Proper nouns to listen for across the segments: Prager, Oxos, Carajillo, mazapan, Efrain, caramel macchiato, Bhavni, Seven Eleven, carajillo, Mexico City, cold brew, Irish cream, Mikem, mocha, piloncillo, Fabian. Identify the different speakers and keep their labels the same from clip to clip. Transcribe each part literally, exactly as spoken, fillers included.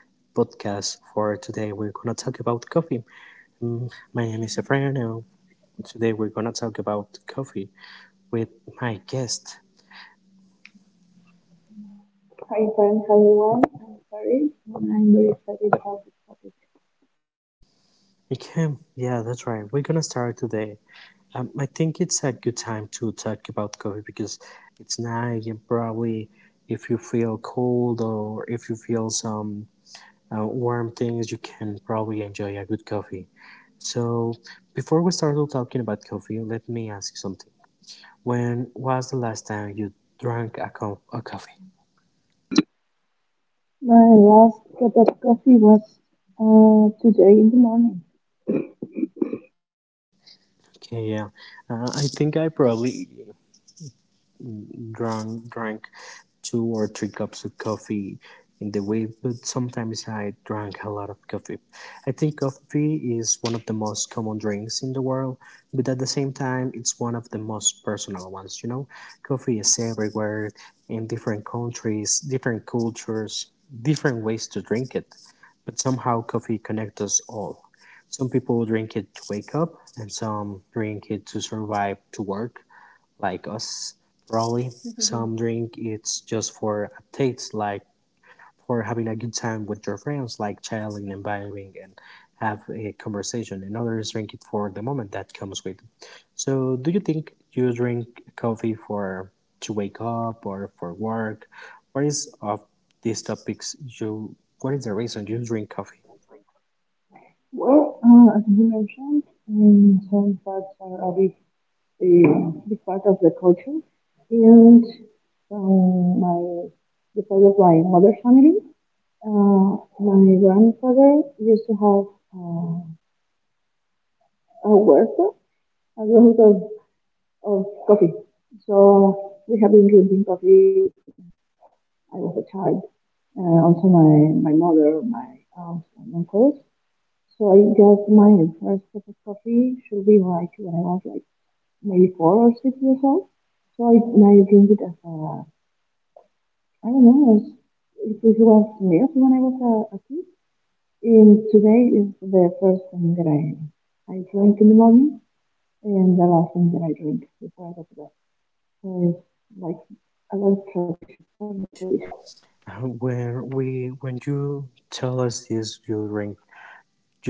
Speaker 1: podcast, for today we're gonna talk about coffee. Mm, My name is Efrain, and today we're gonna talk about coffee with my guest.
Speaker 2: Hi friends, hi everyone. I'm sorry, and I'm very excited about this topic.
Speaker 1: Mikem, yeah, that's right. We're gonna start today. Um, I think it's a good time to talk about coffee because it's night, and probably if you feel cold or if you feel some uh, warm things, you can probably enjoy a good coffee. So, before we start talking about coffee, let me ask you something. When was the last time you drank a, co- a coffee?
Speaker 2: My last cup of coffee was uh, today in the morning.
Speaker 1: Okay, yeah. Uh, I think I probably drunk, drank two or three cups of coffee in the week, but sometimes I drank a lot of coffee. I think coffee is one of the most common drinks in the world, but at the same time, it's one of the most personal ones, you know? Coffee is everywhere, in different countries, different cultures, different ways to drink it, but somehow coffee connects us all. Some people drink it to wake up, and some drink it to survive to work, like us probably. Mm-hmm. Some drink it's just for a taste, like for having a good time with your friends, like chilling and vibing and have a conversation, and others drink it for the moment that comes with it. So do you think you drink coffee for to wake up or for work? What is of these topics you, what is the reason you drink coffee?
Speaker 2: Well, uh, as you mentioned, um, some parts are a big, uh, big part of the culture, and um, my the side of my mother's family, uh, my grandfather used to have uh, a huerto, a lot of, of coffee. So we have been drinking coffee I was a child, and also my, my mother, my aunts, and uncles. So I guess my first cup of coffee should be like when I was like maybe four or six years old. So I, I drink it as a, I don't know, as, it was last milk when I was a, a kid. And today is the first thing that I, I drink in the morning and the last thing that I drink before I go to bed. So it's like a little tradition, for me a tradition.
Speaker 1: Uh, when we when you tell us this, you drink.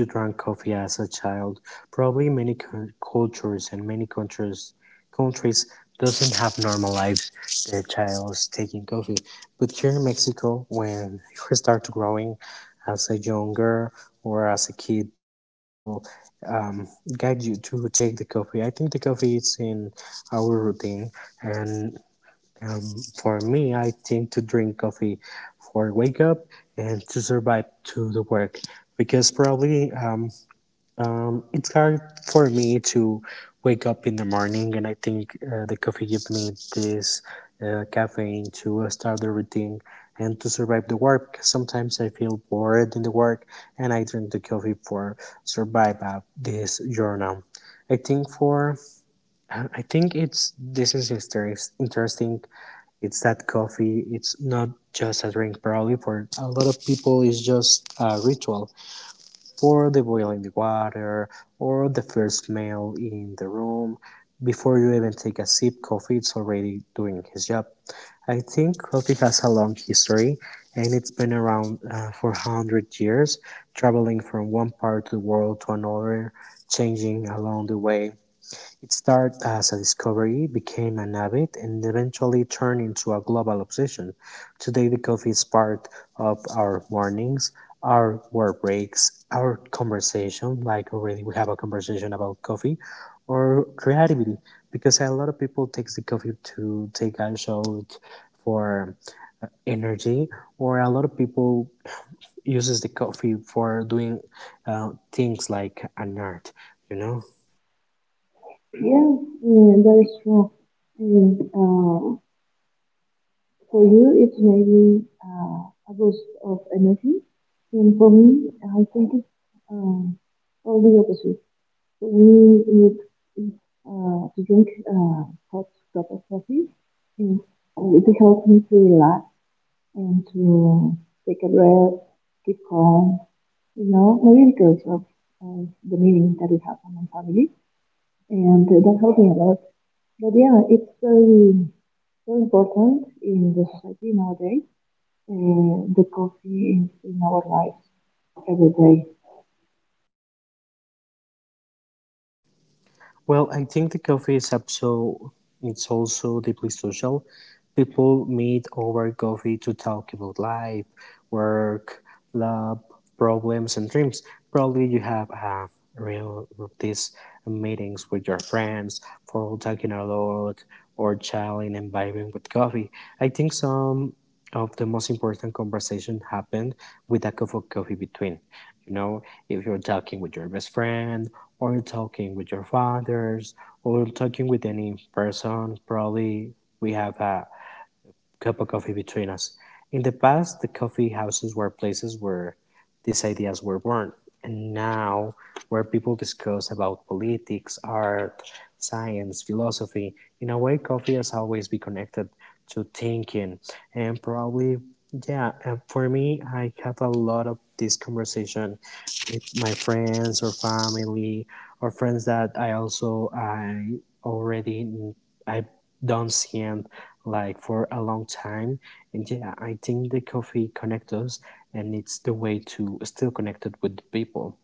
Speaker 1: You drank coffee as a child. Probably many cu- cultures and many countries countries doesn't have normal lives. The child's taking coffee. But here in Mexico, when you start growing as a young girl or as a kid, the people um, guide you to take the coffee. I think the coffee is in our routine, and um, for me, I think to drink coffee for wake up and to survive to the work because probably um, um, it's hard for me to wake up in the morning, and I think uh, the coffee gives me this uh, caffeine to uh, start the routine and to survive the work. Sometimes I feel bored in the work, and I drink the coffee for survive uh, this journal. I think for I think it's this is interest- interesting. It's that coffee. It's not just a drink, probably for a lot of people. It's just a ritual, pour the boiling water or the first meal in the room. Before you even take a sip, coffee is already doing his job. I think coffee has a long history, and it's been around uh, for one hundred years, traveling from one part of the world to another, changing along the way. It started as a discovery, became an habit, and eventually turned into a global obsession. Today, the coffee is part of our mornings, our work breaks, our conversation, like already we have a conversation about coffee, or creativity, because a lot of people takes the coffee to take a shot for energy, or a lot of people uses the coffee for doing uh, things like an art, you know?
Speaker 2: Yeah, yeah, that is true. And uh, for you, it's maybe uh, a boost of energy. And for me, I think it's uh, all the opposite. For me, it's, it's uh, to drink uh, hot cup of coffee. And uh, it helps me to relax and to take a breath, keep calm, you know, maybe because of uh, the meeting that it has on my family. And uh, that helped me a lot. But yeah, it's very so important in the society nowadays. Uh, the coffee is in our lives every day.
Speaker 1: Well, I think the coffee is so, it's also deeply social. People meet over coffee to talk about life, work, love, problems, and dreams. Probably you have uh, real these meetings with your friends for talking a lot or chatting and vibing with coffee. I think some of the most important conversation happened with a cup of coffee between. You know, if you're talking with your best friend, or you're talking with your fathers, or you're talking with any person, probably we have a cup of coffee between us. In the past, the coffee houses were places where these ideas were born, and now where people discuss about politics, art, science, philosophy. In a way, coffee has always been connected to thinking, and probably, yeah, uh, for me, I have a lot of this conversation with my friends or family or friends that I also I already I don't see and like for a long time. And yeah, I think the coffee connects us, and it's the way to still connected with the people.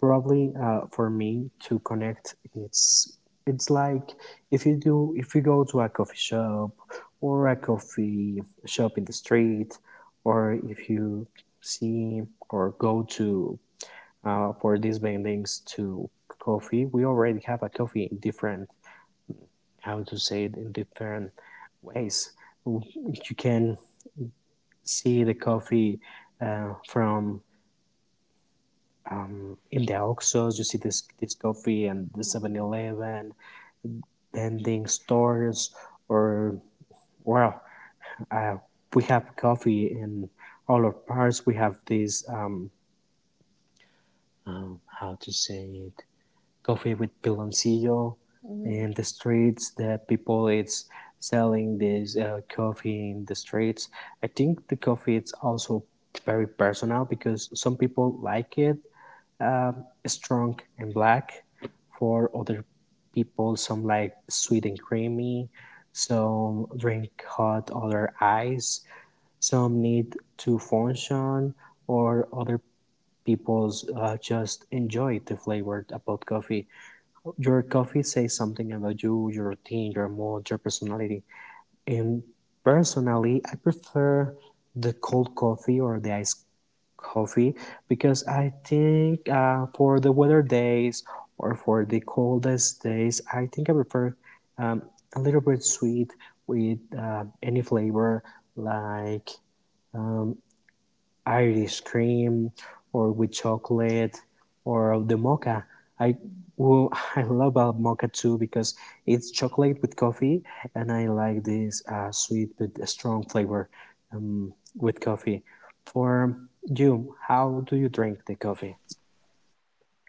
Speaker 1: Probably uh, for me to connect, it's it's like if you do if you go to a coffee shop or a coffee shop in the street, or if you see or go to uh, for these vendings to coffee, we already have a coffee in different, how to say it, in different ways. You can see the coffee uh, from um, in the Oxos, you see this this coffee and the Seven Eleven vending stores, or well, uh, we have coffee in all of Paris. We have this um, um, how to say it, coffee with piloncillo. Mm. In the streets that people is selling this uh, coffee in the streets. I think the coffee is also very personal because some people like it um, strong and black, for other people some like sweet and creamy, some drink hot other ice, some need to function, or other people's uh, just enjoy the flavor about coffee. Your coffee says something about you, your routine, your mood, your personality. And personally, I prefer the cold coffee or the iced coffee because I think uh, for the weather days or for the coldest days, I think I prefer um, a little bit sweet with uh, any flavor, like um, Irish cream or with chocolate or the mocha. I well, I love about mocha too because it's chocolate with coffee, and I like this uh, sweet but strong flavor um, with coffee. For you, how do you drink the coffee?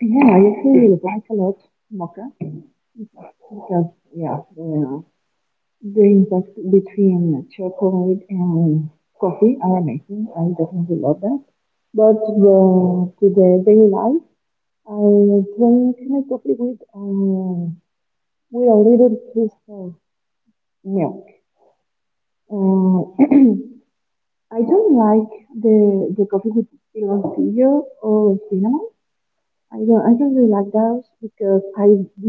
Speaker 2: Yeah, I actually like a lot mocha because yeah, the, the impact between chocolate and coffee are amazing. I definitely love that. But uh, to the daily life, I drink my coffee with um, with a little piece of milk. Uh, I don't like the the coffee with piloncillo or cinnamon. I don't I don't really like those because I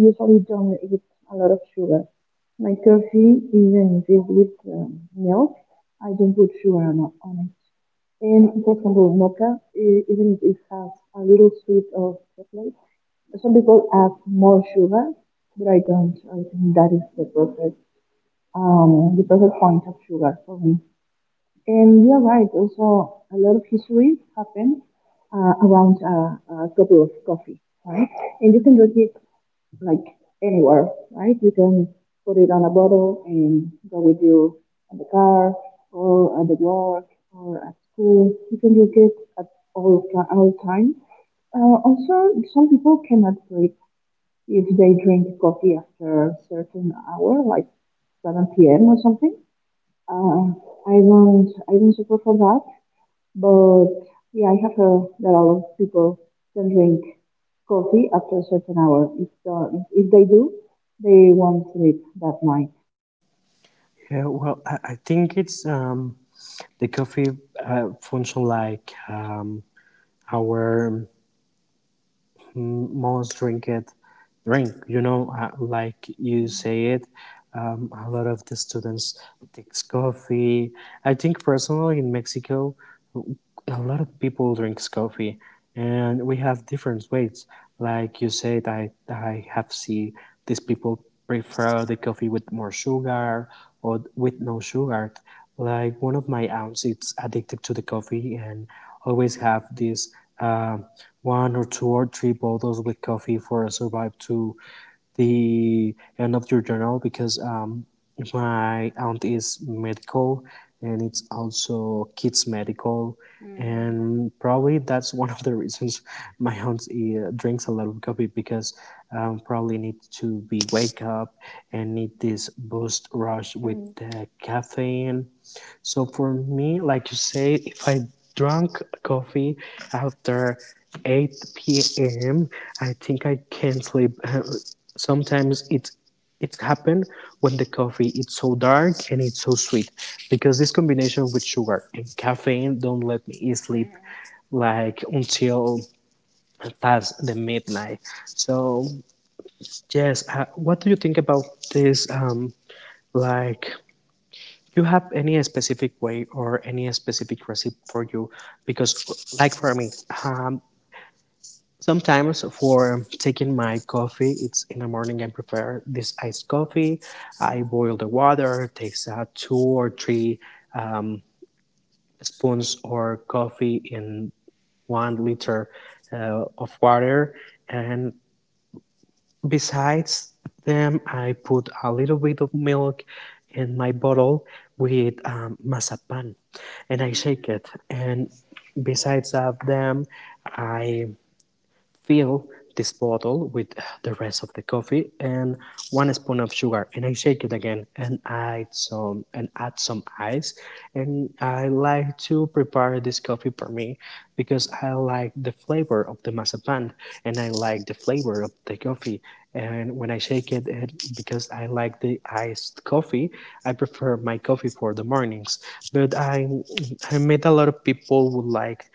Speaker 2: usually don't eat a lot of sugar. My coffee, even if it's with um, milk, I don't put sugar on, on it. And for example, mocha, e- even if it has a little sweet of chocolate, some people add more sugar, but I don't. I think that is the perfect um the perfect point of sugar for me. And you're right, also a lot of history happened uh, around uh, a couple of coffee, right? And you can drink it like anywhere, right? You can put it on a bottle and go with you on the car or at the work or at school. You can drink it at all, ti- all times. Uh, also, some people cannot sleep if they drink coffee after a certain hour, like seven p m or something. Uh, I don't, I don't support for that but yeah, I have heard that a lot of people don't drink coffee after a certain hour. If, uh, if they do, they won't sleep that night.
Speaker 1: Yeah, well, I, I think it's um, the coffee uh, function like um, our. Mm, most drink it drink, you know, uh, like you say it, um, a lot of the students takes coffee. I think personally in Mexico a lot of people drinks coffee, and we have different ways, like you said. I i have see these people prefer the coffee with more sugar or with no sugar, like one of my aunts, it's addicted to the coffee and always have this. Um, One or two or three bottles with coffee for survive to the end of your journal because um, my aunt is medical, and it's also kids medical. Mm. And probably that's one of the reasons my aunt uh, drinks a lot of coffee because um, probably need to be wake up and need this boost rush with, mm, the caffeine. So for me, like you say, if I drunk coffee after eight p m, I think I can't sleep. Sometimes it's it's happened when the coffee it's so dark and it's so sweet because this combination with sugar and caffeine don't let me sleep like until past the midnight. So yes, uh, what do you think about this, um, like, you have any specific way or any specific recipe for you? Because, like for me, um, sometimes for taking my coffee, it's in the morning. I prepare this iced coffee. I boil the water. It takes uh, two or three spoons or coffee in one liter uh, of water, and besides them, I put a little bit of milk in my bottle with um, masapan, and I shake it. And besides of them, I fill this bottle with the rest of the coffee and one spoon of sugar, and I shake it again and add some and add some ice, and I like to prepare this coffee for me because I like the flavor of the mazapan and I like the flavor of the coffee, and when I shake it, it, because I like the iced coffee. I prefer my coffee for the mornings, but I I met a lot of people who like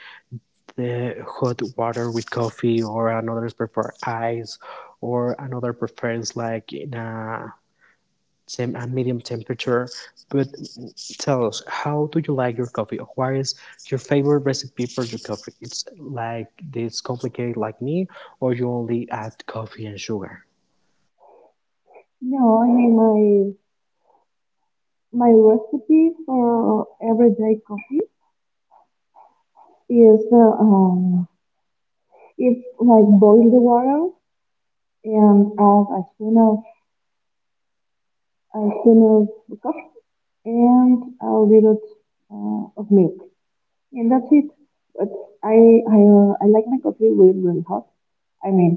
Speaker 1: the hot water with coffee, or another prefer ice, or another preference like in a tem- a medium temperature. But tell us, how do you like your coffee? What is your favorite recipe for your coffee? It's like this complicated like me, or you only add coffee and sugar?
Speaker 2: No, I mean my my recipe for everyday coffee is uh, um it's like boil the water and add a spoon of a spoon of coffee and a little uh, of milk and that's it. But I I uh, I like my coffee really really hot. I mean,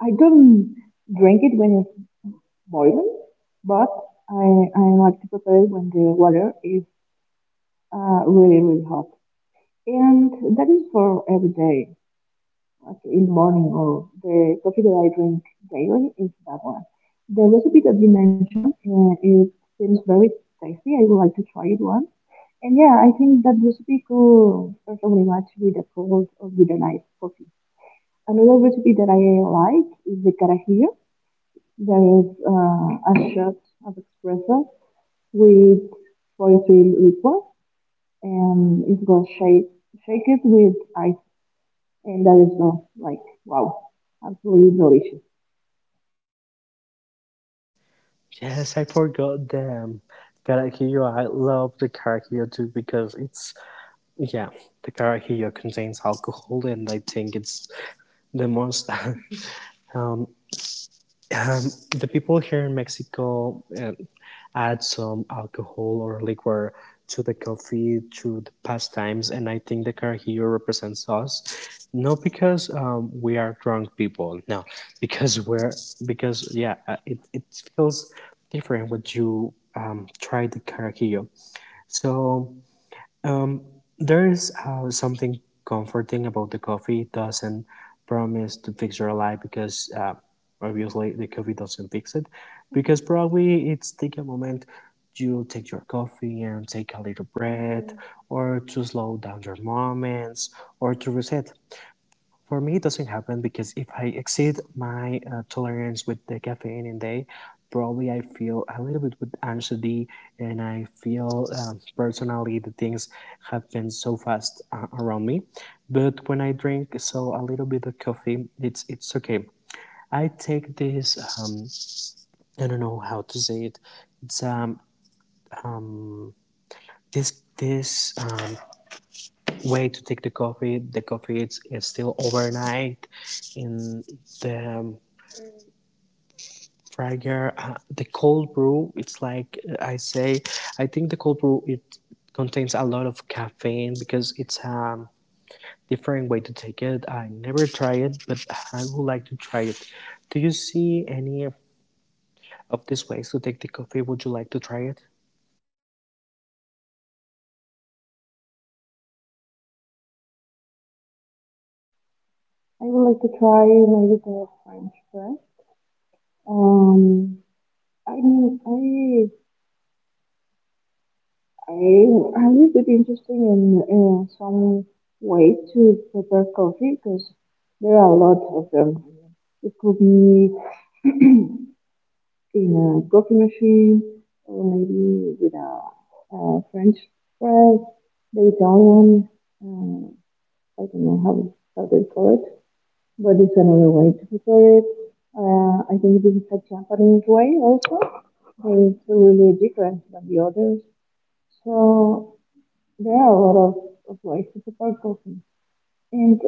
Speaker 2: I don't drink it when it's boiling, but I, I like to prepare it when the water is uh, really, really hot. And that is for every day, like in the morning or the coffee that I drink daily is that one. The recipe that you mentioned, uh, it seems very tasty. I would like to try it once. And yeah, I think that recipe could perfectly match with a cold or with a nice coffee. Another recipe that I like is the carajillo. There is uh, a shot of espresso with poetry liqueur, and it was shake shake it with ice, and that is uh, like wow, absolutely delicious.
Speaker 1: Yes, I forgot them. Carajillo, I love the carajillo too because it's, yeah, the carajillo contains alcohol, and I think it's the most um, the people here in Mexico um, add some alcohol or liquor to the coffee through the pastimes, and I think the carajillo represents us, not because um, we are drunk people, no, because we're because yeah, uh, it it feels different when you um, try the carajillo. So um, there's uh, something comforting about the coffee. It doesn't promise to fix your life because uh, obviously the coffee doesn't fix it, because probably it's take a moment. You take your coffee and take a little breath, or to slow down your moments, or to reset. For me, it doesn't happen because if I exceed my uh, tolerance with the caffeine in day, probably I feel a little bit with anxiety, and I feel um, personally the things happen so fast uh, around me. But when I drink so a little bit of coffee, it's it's okay. I take this um, I don't know how to say it. It's um this this um, way to take the coffee. The coffee it's, it's still overnight in the um, Prager, uh, the cold brew. It's like, uh, I say, I think the cold brew it contains a lot of caffeine because it's a different way to take it. I never try it, but I would like to try it. Do you see any of these ways to take the coffee? Would you like to try it?
Speaker 2: I would like to try maybe the French press. Um, I mean, I I I'm a little bit interested in uh, some way to prepare coffee because there are a lot of them. It could be in a coffee machine or maybe with a, a French press, the Italian, uh, I don't know how, how they call it, but it's another way to prepare it. Uh, I think this is a Japanese way also, but it's really different than the others. So there are a lot of, of ways to prepare coffee. And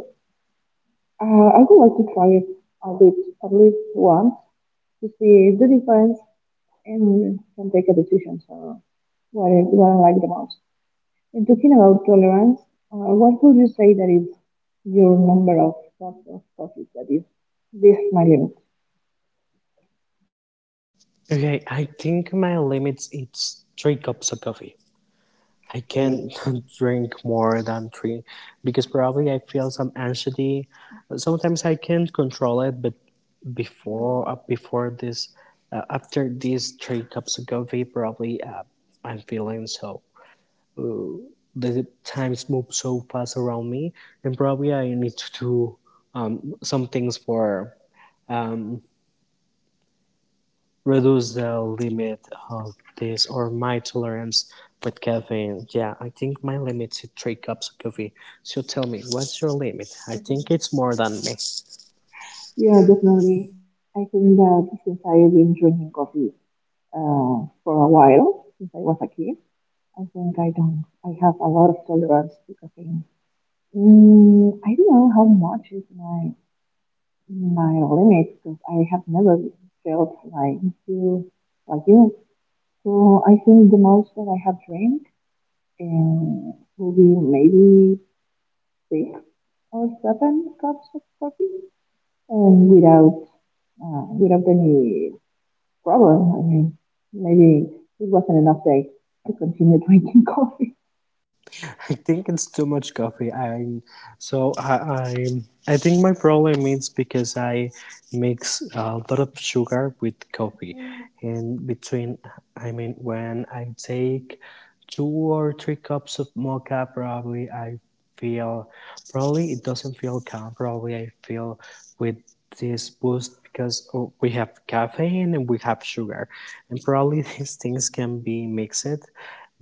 Speaker 2: uh, I would like to try it a bit, at least once, to see the difference and can take a decision. So, what I, what I like the most. And talking about tolerance, uh, what would you say that is your number of cups of coffee that is this my limit?
Speaker 1: Okay, I think my limits it's three cups of coffee. I can't drink more than three because probably I feel some anxiety. Sometimes I can't control it, but before uh, before this, uh, after these three cups of coffee, probably uh, I'm feeling so. Uh, the times move so fast around me, and probably I need to do um, some things for. um, Reduce the limit of this or my tolerance with caffeine. Yeah, I think my limit is three cups of coffee. So tell me, what's your limit? I think it's more than me.
Speaker 2: Yeah, definitely. I think that since I've been drinking coffee uh, for a while, since I was a kid, I think I don't. I have a lot of tolerance to caffeine. Mm, I don't know how much is my my limit because I have never felt like you like you So I think the most that I have drank uh, will be maybe six or seven cups of coffee, and without uh, without any problem. I mean, maybe it wasn't enough day to continue drinking coffee.
Speaker 1: I think it's too much coffee. I so I I, I think my problem is because I mix a lot of sugar with coffee, and between, I mean, when I take two or three cups of mocha, probably I feel, probably it doesn't feel calm. Probably I feel with this boost because, oh, we have caffeine and we have sugar, and probably these things can be mixed,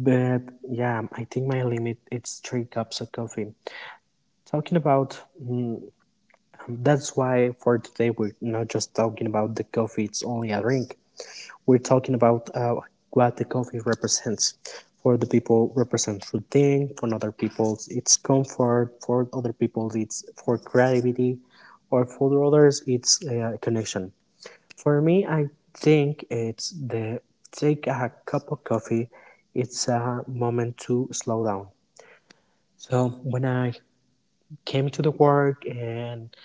Speaker 1: but yeah, I think my limit is three cups of coffee. Talking about that's why for today we're not just talking about the coffee, it's only a drink. We're talking about uh, what the coffee represents. For the people represents routine, for other people it's comfort, for other people it's for creativity, or for others it's uh, connection. For me, I think it's the take a cup of coffee. It's a moment to slow down. So when I came to the work and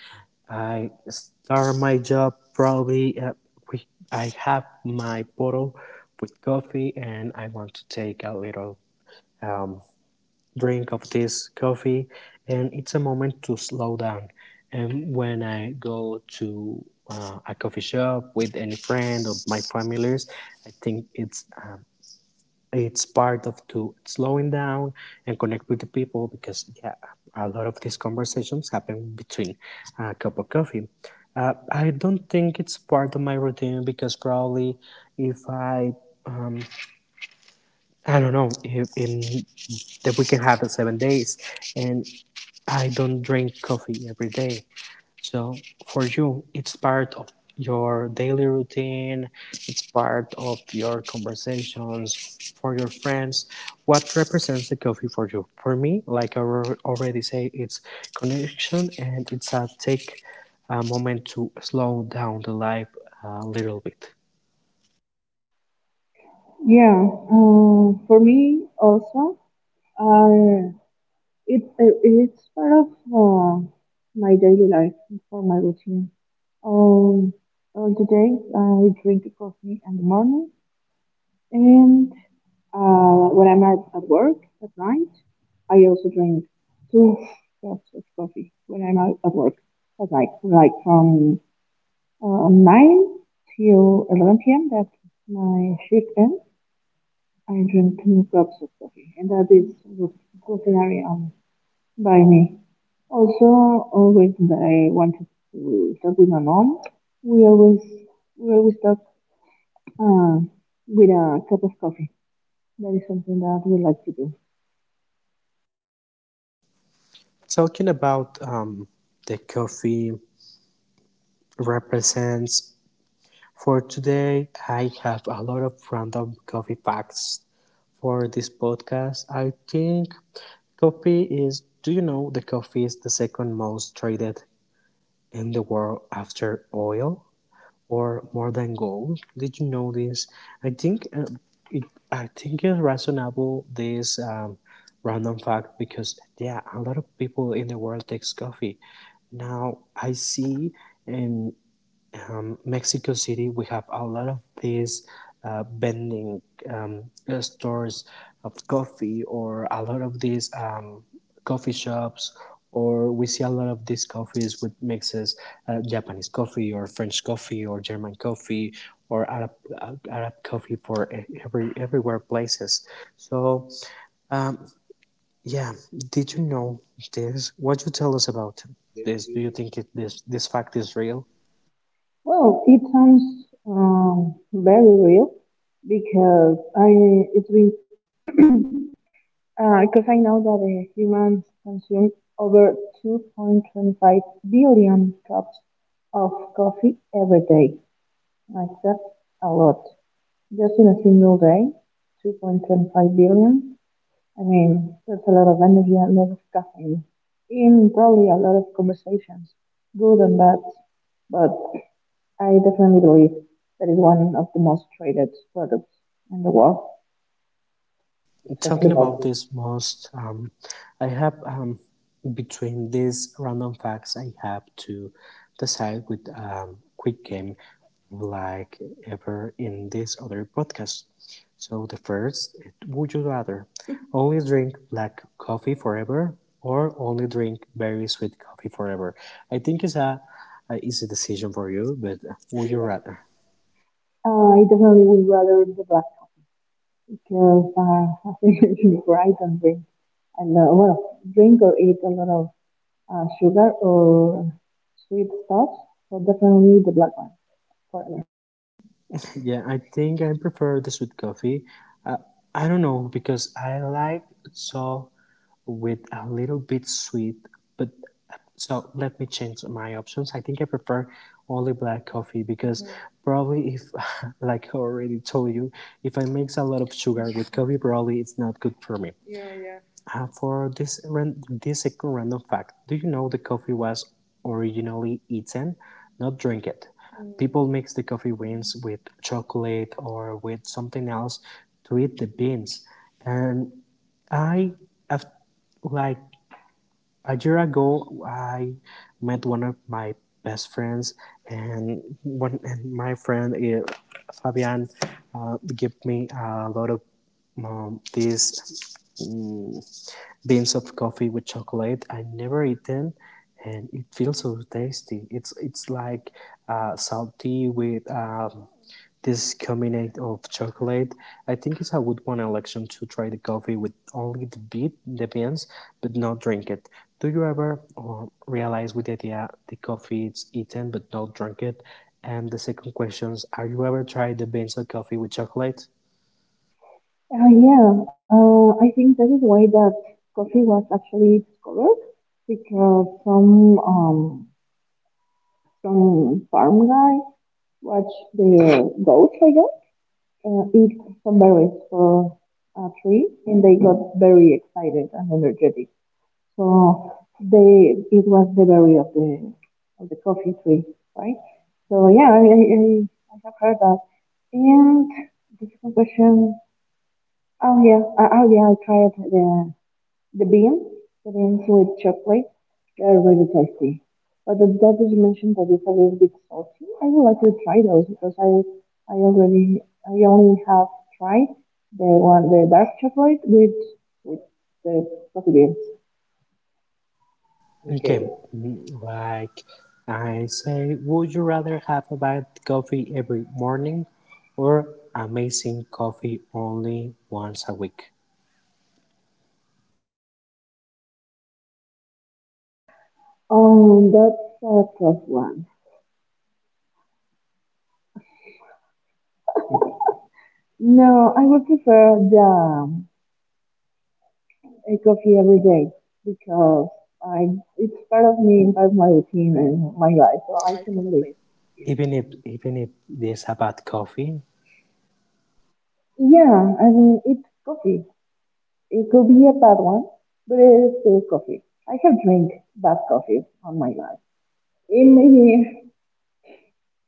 Speaker 1: I started my job, probably uh, we, I have my bottle with coffee and I want to take a little um, drink of this coffee. And it's a moment to slow down. And when I go to uh, a coffee shop with any friend or my families, I think it's um, it's part of to slowing down and connect with the people, because yeah, a lot of these conversations happen between a cup of coffee. uh, I don't think it's part of my routine because probably if I um, I don't know if in the weekend happens seven days, and I don't drink coffee every day. So for you, it's part of your daily routine, it's part of your conversations for your friends. What represents the coffee for you? For me, like I al- already say, it's connection and it's a take a moment to slow down the life a little bit.
Speaker 2: Yeah, uh, for me also, uh, it, it it's part of uh, my daily life, for my routine. Um, all the day I drink coffee in the morning, and Uh, when I'm at, at work at night, I also drink two cups of coffee when I'm out at work at night, like from uh, nine till eleven p m that's my shift ends. I drink two cups of coffee, and that is routinely on by me. Also, always that I wanted to talk with my mom, we always we always talk uh, with a cup of coffee. That is something that we like to do.
Speaker 1: Talking about um, the coffee represents for today, I have a lot of random coffee facts for this podcast. I think coffee is, do you know that coffee is the second most traded in the world after oil, or more than gold? Did you know this? I think, uh, it, I think it's reasonable this um, random fact because yeah, a lot of people in the world takes coffee. Now I see in um, Mexico City, we have a lot of these uh, vending um, uh, stores of coffee, or a lot of these um, coffee shops, or we see a lot of these coffees with mixes, uh, Japanese coffee, or French coffee, or German coffee, or Arab, uh, Arab coffee for e- every everywhere places. So, um, yeah, did you know this? What you tell us about this? Do you think, it, this this fact is real?
Speaker 2: Well, it sounds um, very real because I it's been uh, because I know that uh, humans consume over two point two five billion cups of coffee every day. Like that's a lot. Just in a single day, two point two five billion. I mean, that's a lot of energy, a lot of caffeine, and probably a lot of conversations, good and bad. But, I definitely believe that is one of the most traded products in the world.
Speaker 1: Talking
Speaker 2: Exactly,
Speaker 1: about
Speaker 2: Bhavni.
Speaker 1: this most, um, I have, um, between these random facts I have to decide with, um, quick game, like ever in this other podcast. So the first, it- would you rather only drink black coffee forever or only drink very sweet coffee forever? I think it's a, a easy decision for you, but would you rather?
Speaker 2: Uh, I definitely would rather the black because, uh, as I mentioned before, I don't drink and lot, well, drink or eat a lot of uh, sugar or sweet stuff. So definitely the black one for me.
Speaker 1: Yeah, I think I prefer this with coffee. Uh, I don't know because I like so with a little bit sweet. But so let me change my options. I think I prefer only black coffee because mm. probably if, like I already told you, if I mix a lot of sugar with coffee, probably it's not good for me. Yeah, yeah. Uh, for this ran- this second random fact, do you know the coffee was originally eaten, not drink it? Mm. People mix the coffee beans with chocolate or with something else to eat the beans, and I af- like a year ago I met one of my best friends, and one and my friend, uh, Fabian, uh, gave me a lot of um, these mm, beans of coffee with chocolate. I never eat them, and it feels so tasty. It's it's like uh, salty with um, this combination of chocolate. I think it's a good one election to try the coffee with only the bean, the beans, but not drink it. Do you ever uh, realize with the idea the coffee is eaten but not drunk it? And the second question is, are you ever tried the beans or coffee with chocolate?
Speaker 2: Uh, yeah, uh, I think that is why that coffee was actually discovered because some um, some farm guy watched the goats, I guess uh, eat some berries for a tree, and they got very excited and energetic. So they it was the berry of the of the coffee tree, right? So yeah, I I, I I have heard that. And the second question, oh yeah, uh, oh yeah, I tried the the beans, the beans with chocolate, they're really tasty. But the that is mentioned that it's a little bit salty. I would like to try those because I I already I only have tried the one the dark chocolate with with the coffee beans. Okay.
Speaker 1: Okay, mm, like I say, would you rather have a bad coffee every morning or amazing coffee only once a week?
Speaker 2: Oh, that's a tough one. No, I would prefer the a coffee every day because I it's part of me, part of my routine and my life, so
Speaker 1: So
Speaker 2: I
Speaker 1: I
Speaker 2: cannot
Speaker 1: can
Speaker 2: live
Speaker 1: live. Even if even if this about coffee,
Speaker 2: Yeah, I mean, it's coffee. It could be a bad one, but it is still coffee. I have drank bad coffee on my life. It maybe,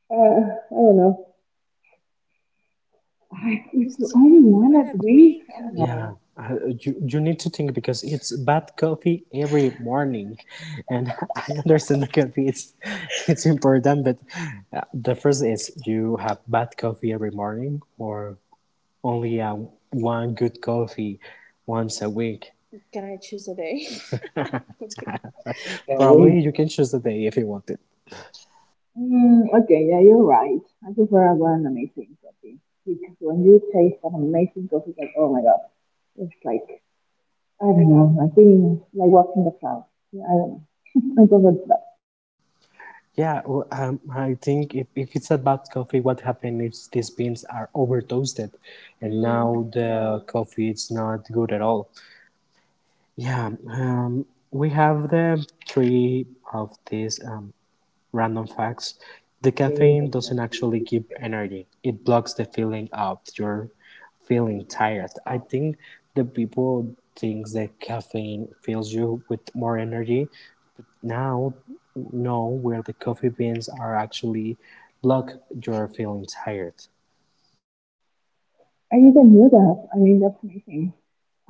Speaker 2: uh, I don't know. I, it's
Speaker 1: it's
Speaker 2: only
Speaker 1: only
Speaker 2: one a
Speaker 1: one a
Speaker 2: week. I
Speaker 1: week. I
Speaker 2: don't
Speaker 1: don't,
Speaker 2: know.
Speaker 1: yeah, know. I, you you need to think because it's bad coffee every morning, and I understand the coffee it's it's important, but uh, the first is you have bad coffee every morning, or only uh, one good coffee once a week. Can I choose a day?
Speaker 2: Can't
Speaker 1: Probably you can choose a day if you want it.
Speaker 2: Mm, okay, yeah, you're right. I prefer about an amazing coffee because when you taste an amazing coffee, it's like, oh my god, it's like I don't know, like being like walking the clouds. Yeah, I don't know. I prefer that.
Speaker 1: Yeah, well, um, I think if, if it's about coffee, what happened is these beans are over toasted, and Mm. now the coffee is not good at all. Yeah, um, we have the three of these um, random facts. The caffeine doesn't actually give energy; it blocks the feeling of your feeling tired. I think the people thinks that caffeine fills you with more energy, now know where the coffee beans are actually block your feeling tired.
Speaker 2: I didn't know that. I mean, that's amazing.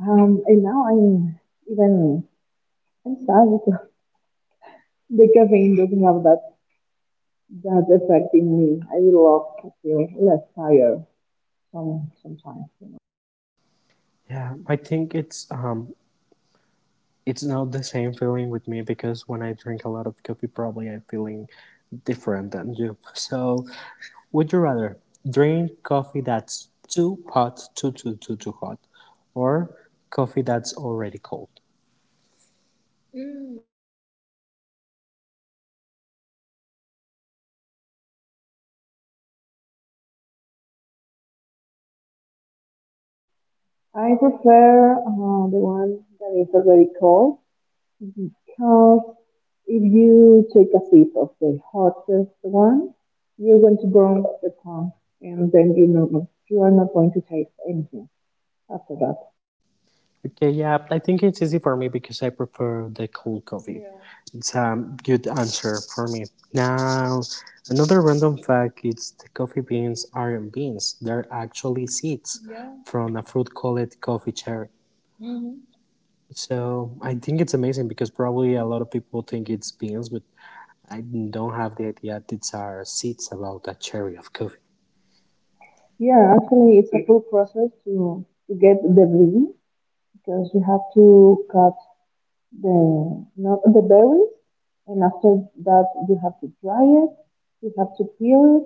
Speaker 2: Um, and now I'm even I'm sad because the caffeine doesn't have that that effect in me. I love to feel less tired some sometimes.
Speaker 1: Yeah, I think it's um it's not the same feeling with me because when I drink a lot of coffee, probably I'm feeling different than you. So, would you rather drink coffee that's too hot, too too too too hot, or coffee that's already cold?
Speaker 2: I prefer uh, the one that is already cold because if you take a sip of the hottest one, you're going to burn the tongue, and then you know you are not going to taste anything after that.
Speaker 1: Okay, yeah, I think it's easy for me because I prefer the cold coffee. Yeah. It's a good answer for me. Now, another random fact is the coffee beans aren't beans. They're actually seeds, yeah, from a fruit called coffee cherry. Hmm. So I think it's amazing because probably a lot of people think it's beans, but I don't have the idea that it's are seeds about a cherry of coffee.
Speaker 2: Yeah, actually, it's a full process to to get the blend because you have to cut the not the berries, and after that you have to dry it, you have to peel it,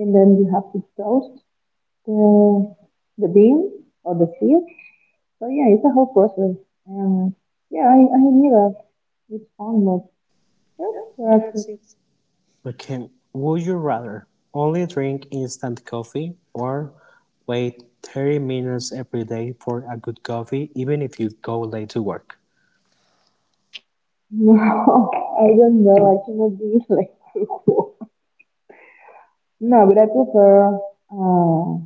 Speaker 2: and then you have to toast the the bean or the seed. So yeah, it's a whole process. Um, yeah, I, I knew that it's fun, but that's
Speaker 1: Yep. That's
Speaker 2: practice.
Speaker 1: it. Okay. Would you rather only drink instant coffee or wait thirty minutes every day for a good coffee, even if you go late to work?
Speaker 2: No, I don't know. I cannot be like too cool. No, but I prefer uh,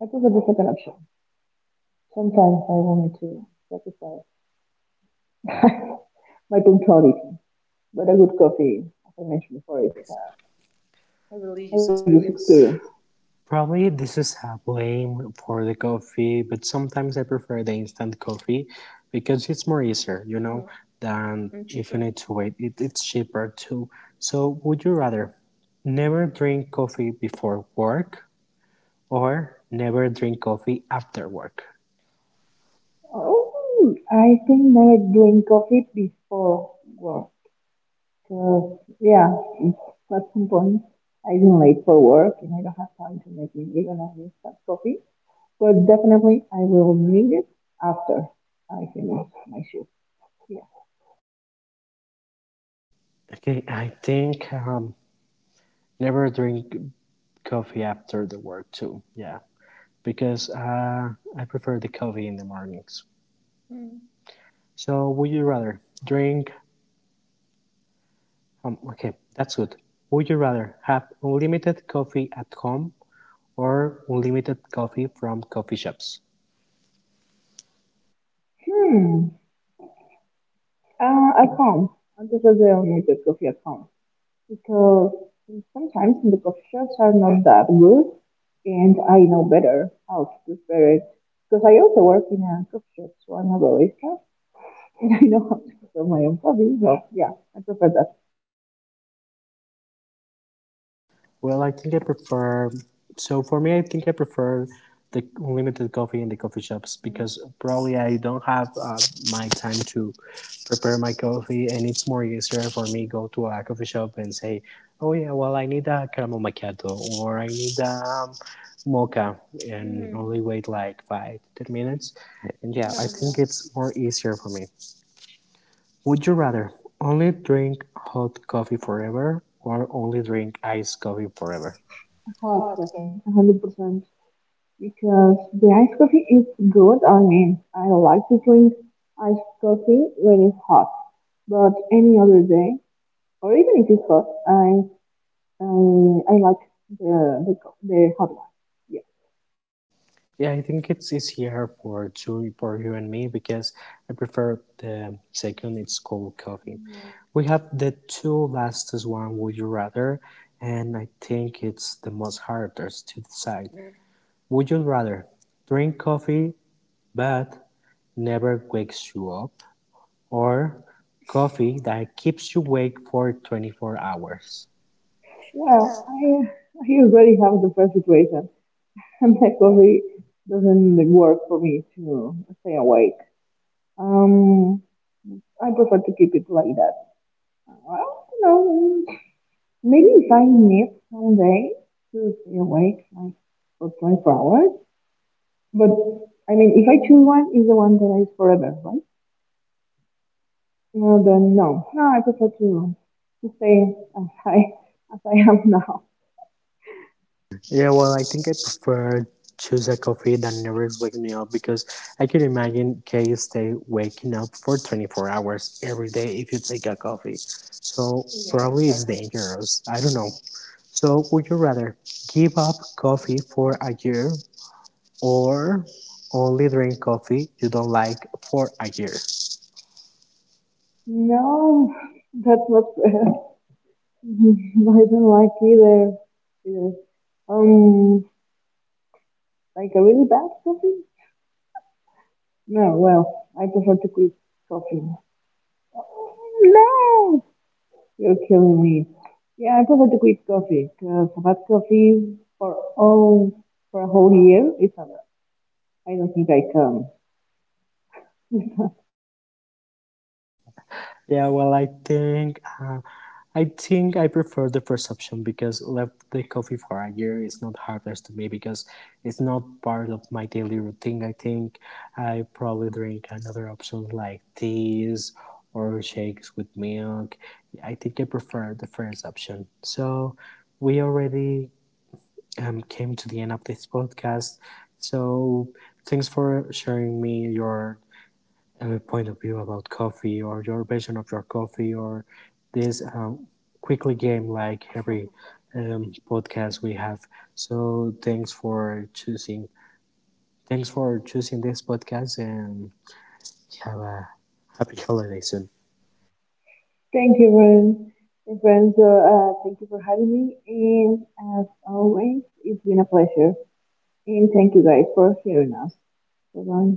Speaker 2: I prefer the second option. Sometimes I want to sacrifice. My punctuality, but a good coffee, as I mentioned before, is a
Speaker 1: It's a
Speaker 2: a
Speaker 1: a
Speaker 2: religious
Speaker 1: religious
Speaker 2: experience.
Speaker 1: experience. Probably this is a blame for the coffee, but sometimes I prefer the instant coffee because it's more easier, you know, than. And if you cheaper, need to wait. It, it's cheaper too. So, would you rather never drink coffee before work or never drink coffee after work? Oh.
Speaker 2: Oh, I think never drink coffee before work. Cause yeah, it's at some point I didn't late for work and I don't have time to make me even I miss that coffee. But definitely I will need it after I finish my shift. Yeah.
Speaker 1: Okay, I think um, never drink coffee after the work too. Yeah, because uh, I prefer the coffee in the mornings. Mm. So, would you rather drink? Um, okay, that's good. Would you rather have unlimited coffee at home or unlimited coffee from coffee shops?
Speaker 2: Hmm. Uh, at home. I'm just Antes de hacer un coffee at home, because sometimes the coffee shops are not that good, and I know better how to prepare it. Because I also work in a coffee shop, so I'm a barista, and I know how to prepare my own coffee. So yeah, I prefer that
Speaker 1: Well, I think I prefer. So for me, I think I prefer the unlimited coffee in the coffee shops because probably I don't have uh, my time to prepare my coffee, and it's more easier for me go to a coffee shop and say, "Oh yeah, well I need a caramel macchiato, or I need a um, mocha," and, mm-hmm, only wait like five to ten minutes. And yeah, I, mm-hmm, think it's more easier for me. Would you rather only drink hot coffee forever or only drink iced coffee forever?
Speaker 2: hot
Speaker 1: Hard go.
Speaker 2: coffee, one hundred percent. Because the iced coffee is good. I mean, I like to drink iced coffee when it's hot, but any other day, or even if it's hot, I I, I like the the co- the hot one. Yeah.
Speaker 1: Yeah, I think it's easier for two for you and me because I prefer the second. It's cold coffee. We have the two last one. Would you rather? And I think it's the most hardest to decide. Would you rather drink coffee but never wakes you up, or coffee that keeps you awake for twenty-four hours?
Speaker 2: Yeah,
Speaker 1: Oh.
Speaker 2: I I already have the first situation, and that coffee doesn't like, work for me to stay awake. Um, I prefer to keep it like that. Well, you know, maybe if I need someday to stay awake like for twenty-four hours, but I mean, if I choose one, is the one that is forever, right? No, then no, no, I prefer to to stay as I as I am now.
Speaker 1: Yeah, well, I think I prefer choose a coffee that never wake me up, because I can imagine, can you stay waking up for twenty-four hours every day if you take a coffee? So, yeah, probably it's dangerous. I don't know. So would you rather give up coffee for a year, or only drink coffee you don't like for a year?
Speaker 2: No, that's not fair. Mhm. I don't like either. either. Um, like a really bad coffee? No, well, I prefer to quit coffee. No, you're killing me. Yeah, I prefer to quit coffee because I've had coffee for all for a whole year. It's a lot. I don't think I can.
Speaker 1: Yeah, well, I think uh, I think I prefer the first option because left the coffee for a year is not harmless to me because it's not part of my daily routine. I think I probably drink another option like teas or shakes with milk. I think I prefer the first option. So we already um, came to the end of this podcast. So thanks for sharing me your uh, point of view about coffee, or your version of your coffee, or this um, quickly game like every um, podcast we have. So thanks for choosing. Thanks for choosing this podcast, and have a happy holiday soon.
Speaker 2: Thank you, friend. Hey, friends. So, uh, thank you for having me, and as always, it's been a pleasure. And thank you guys for hearing us. Bye bye.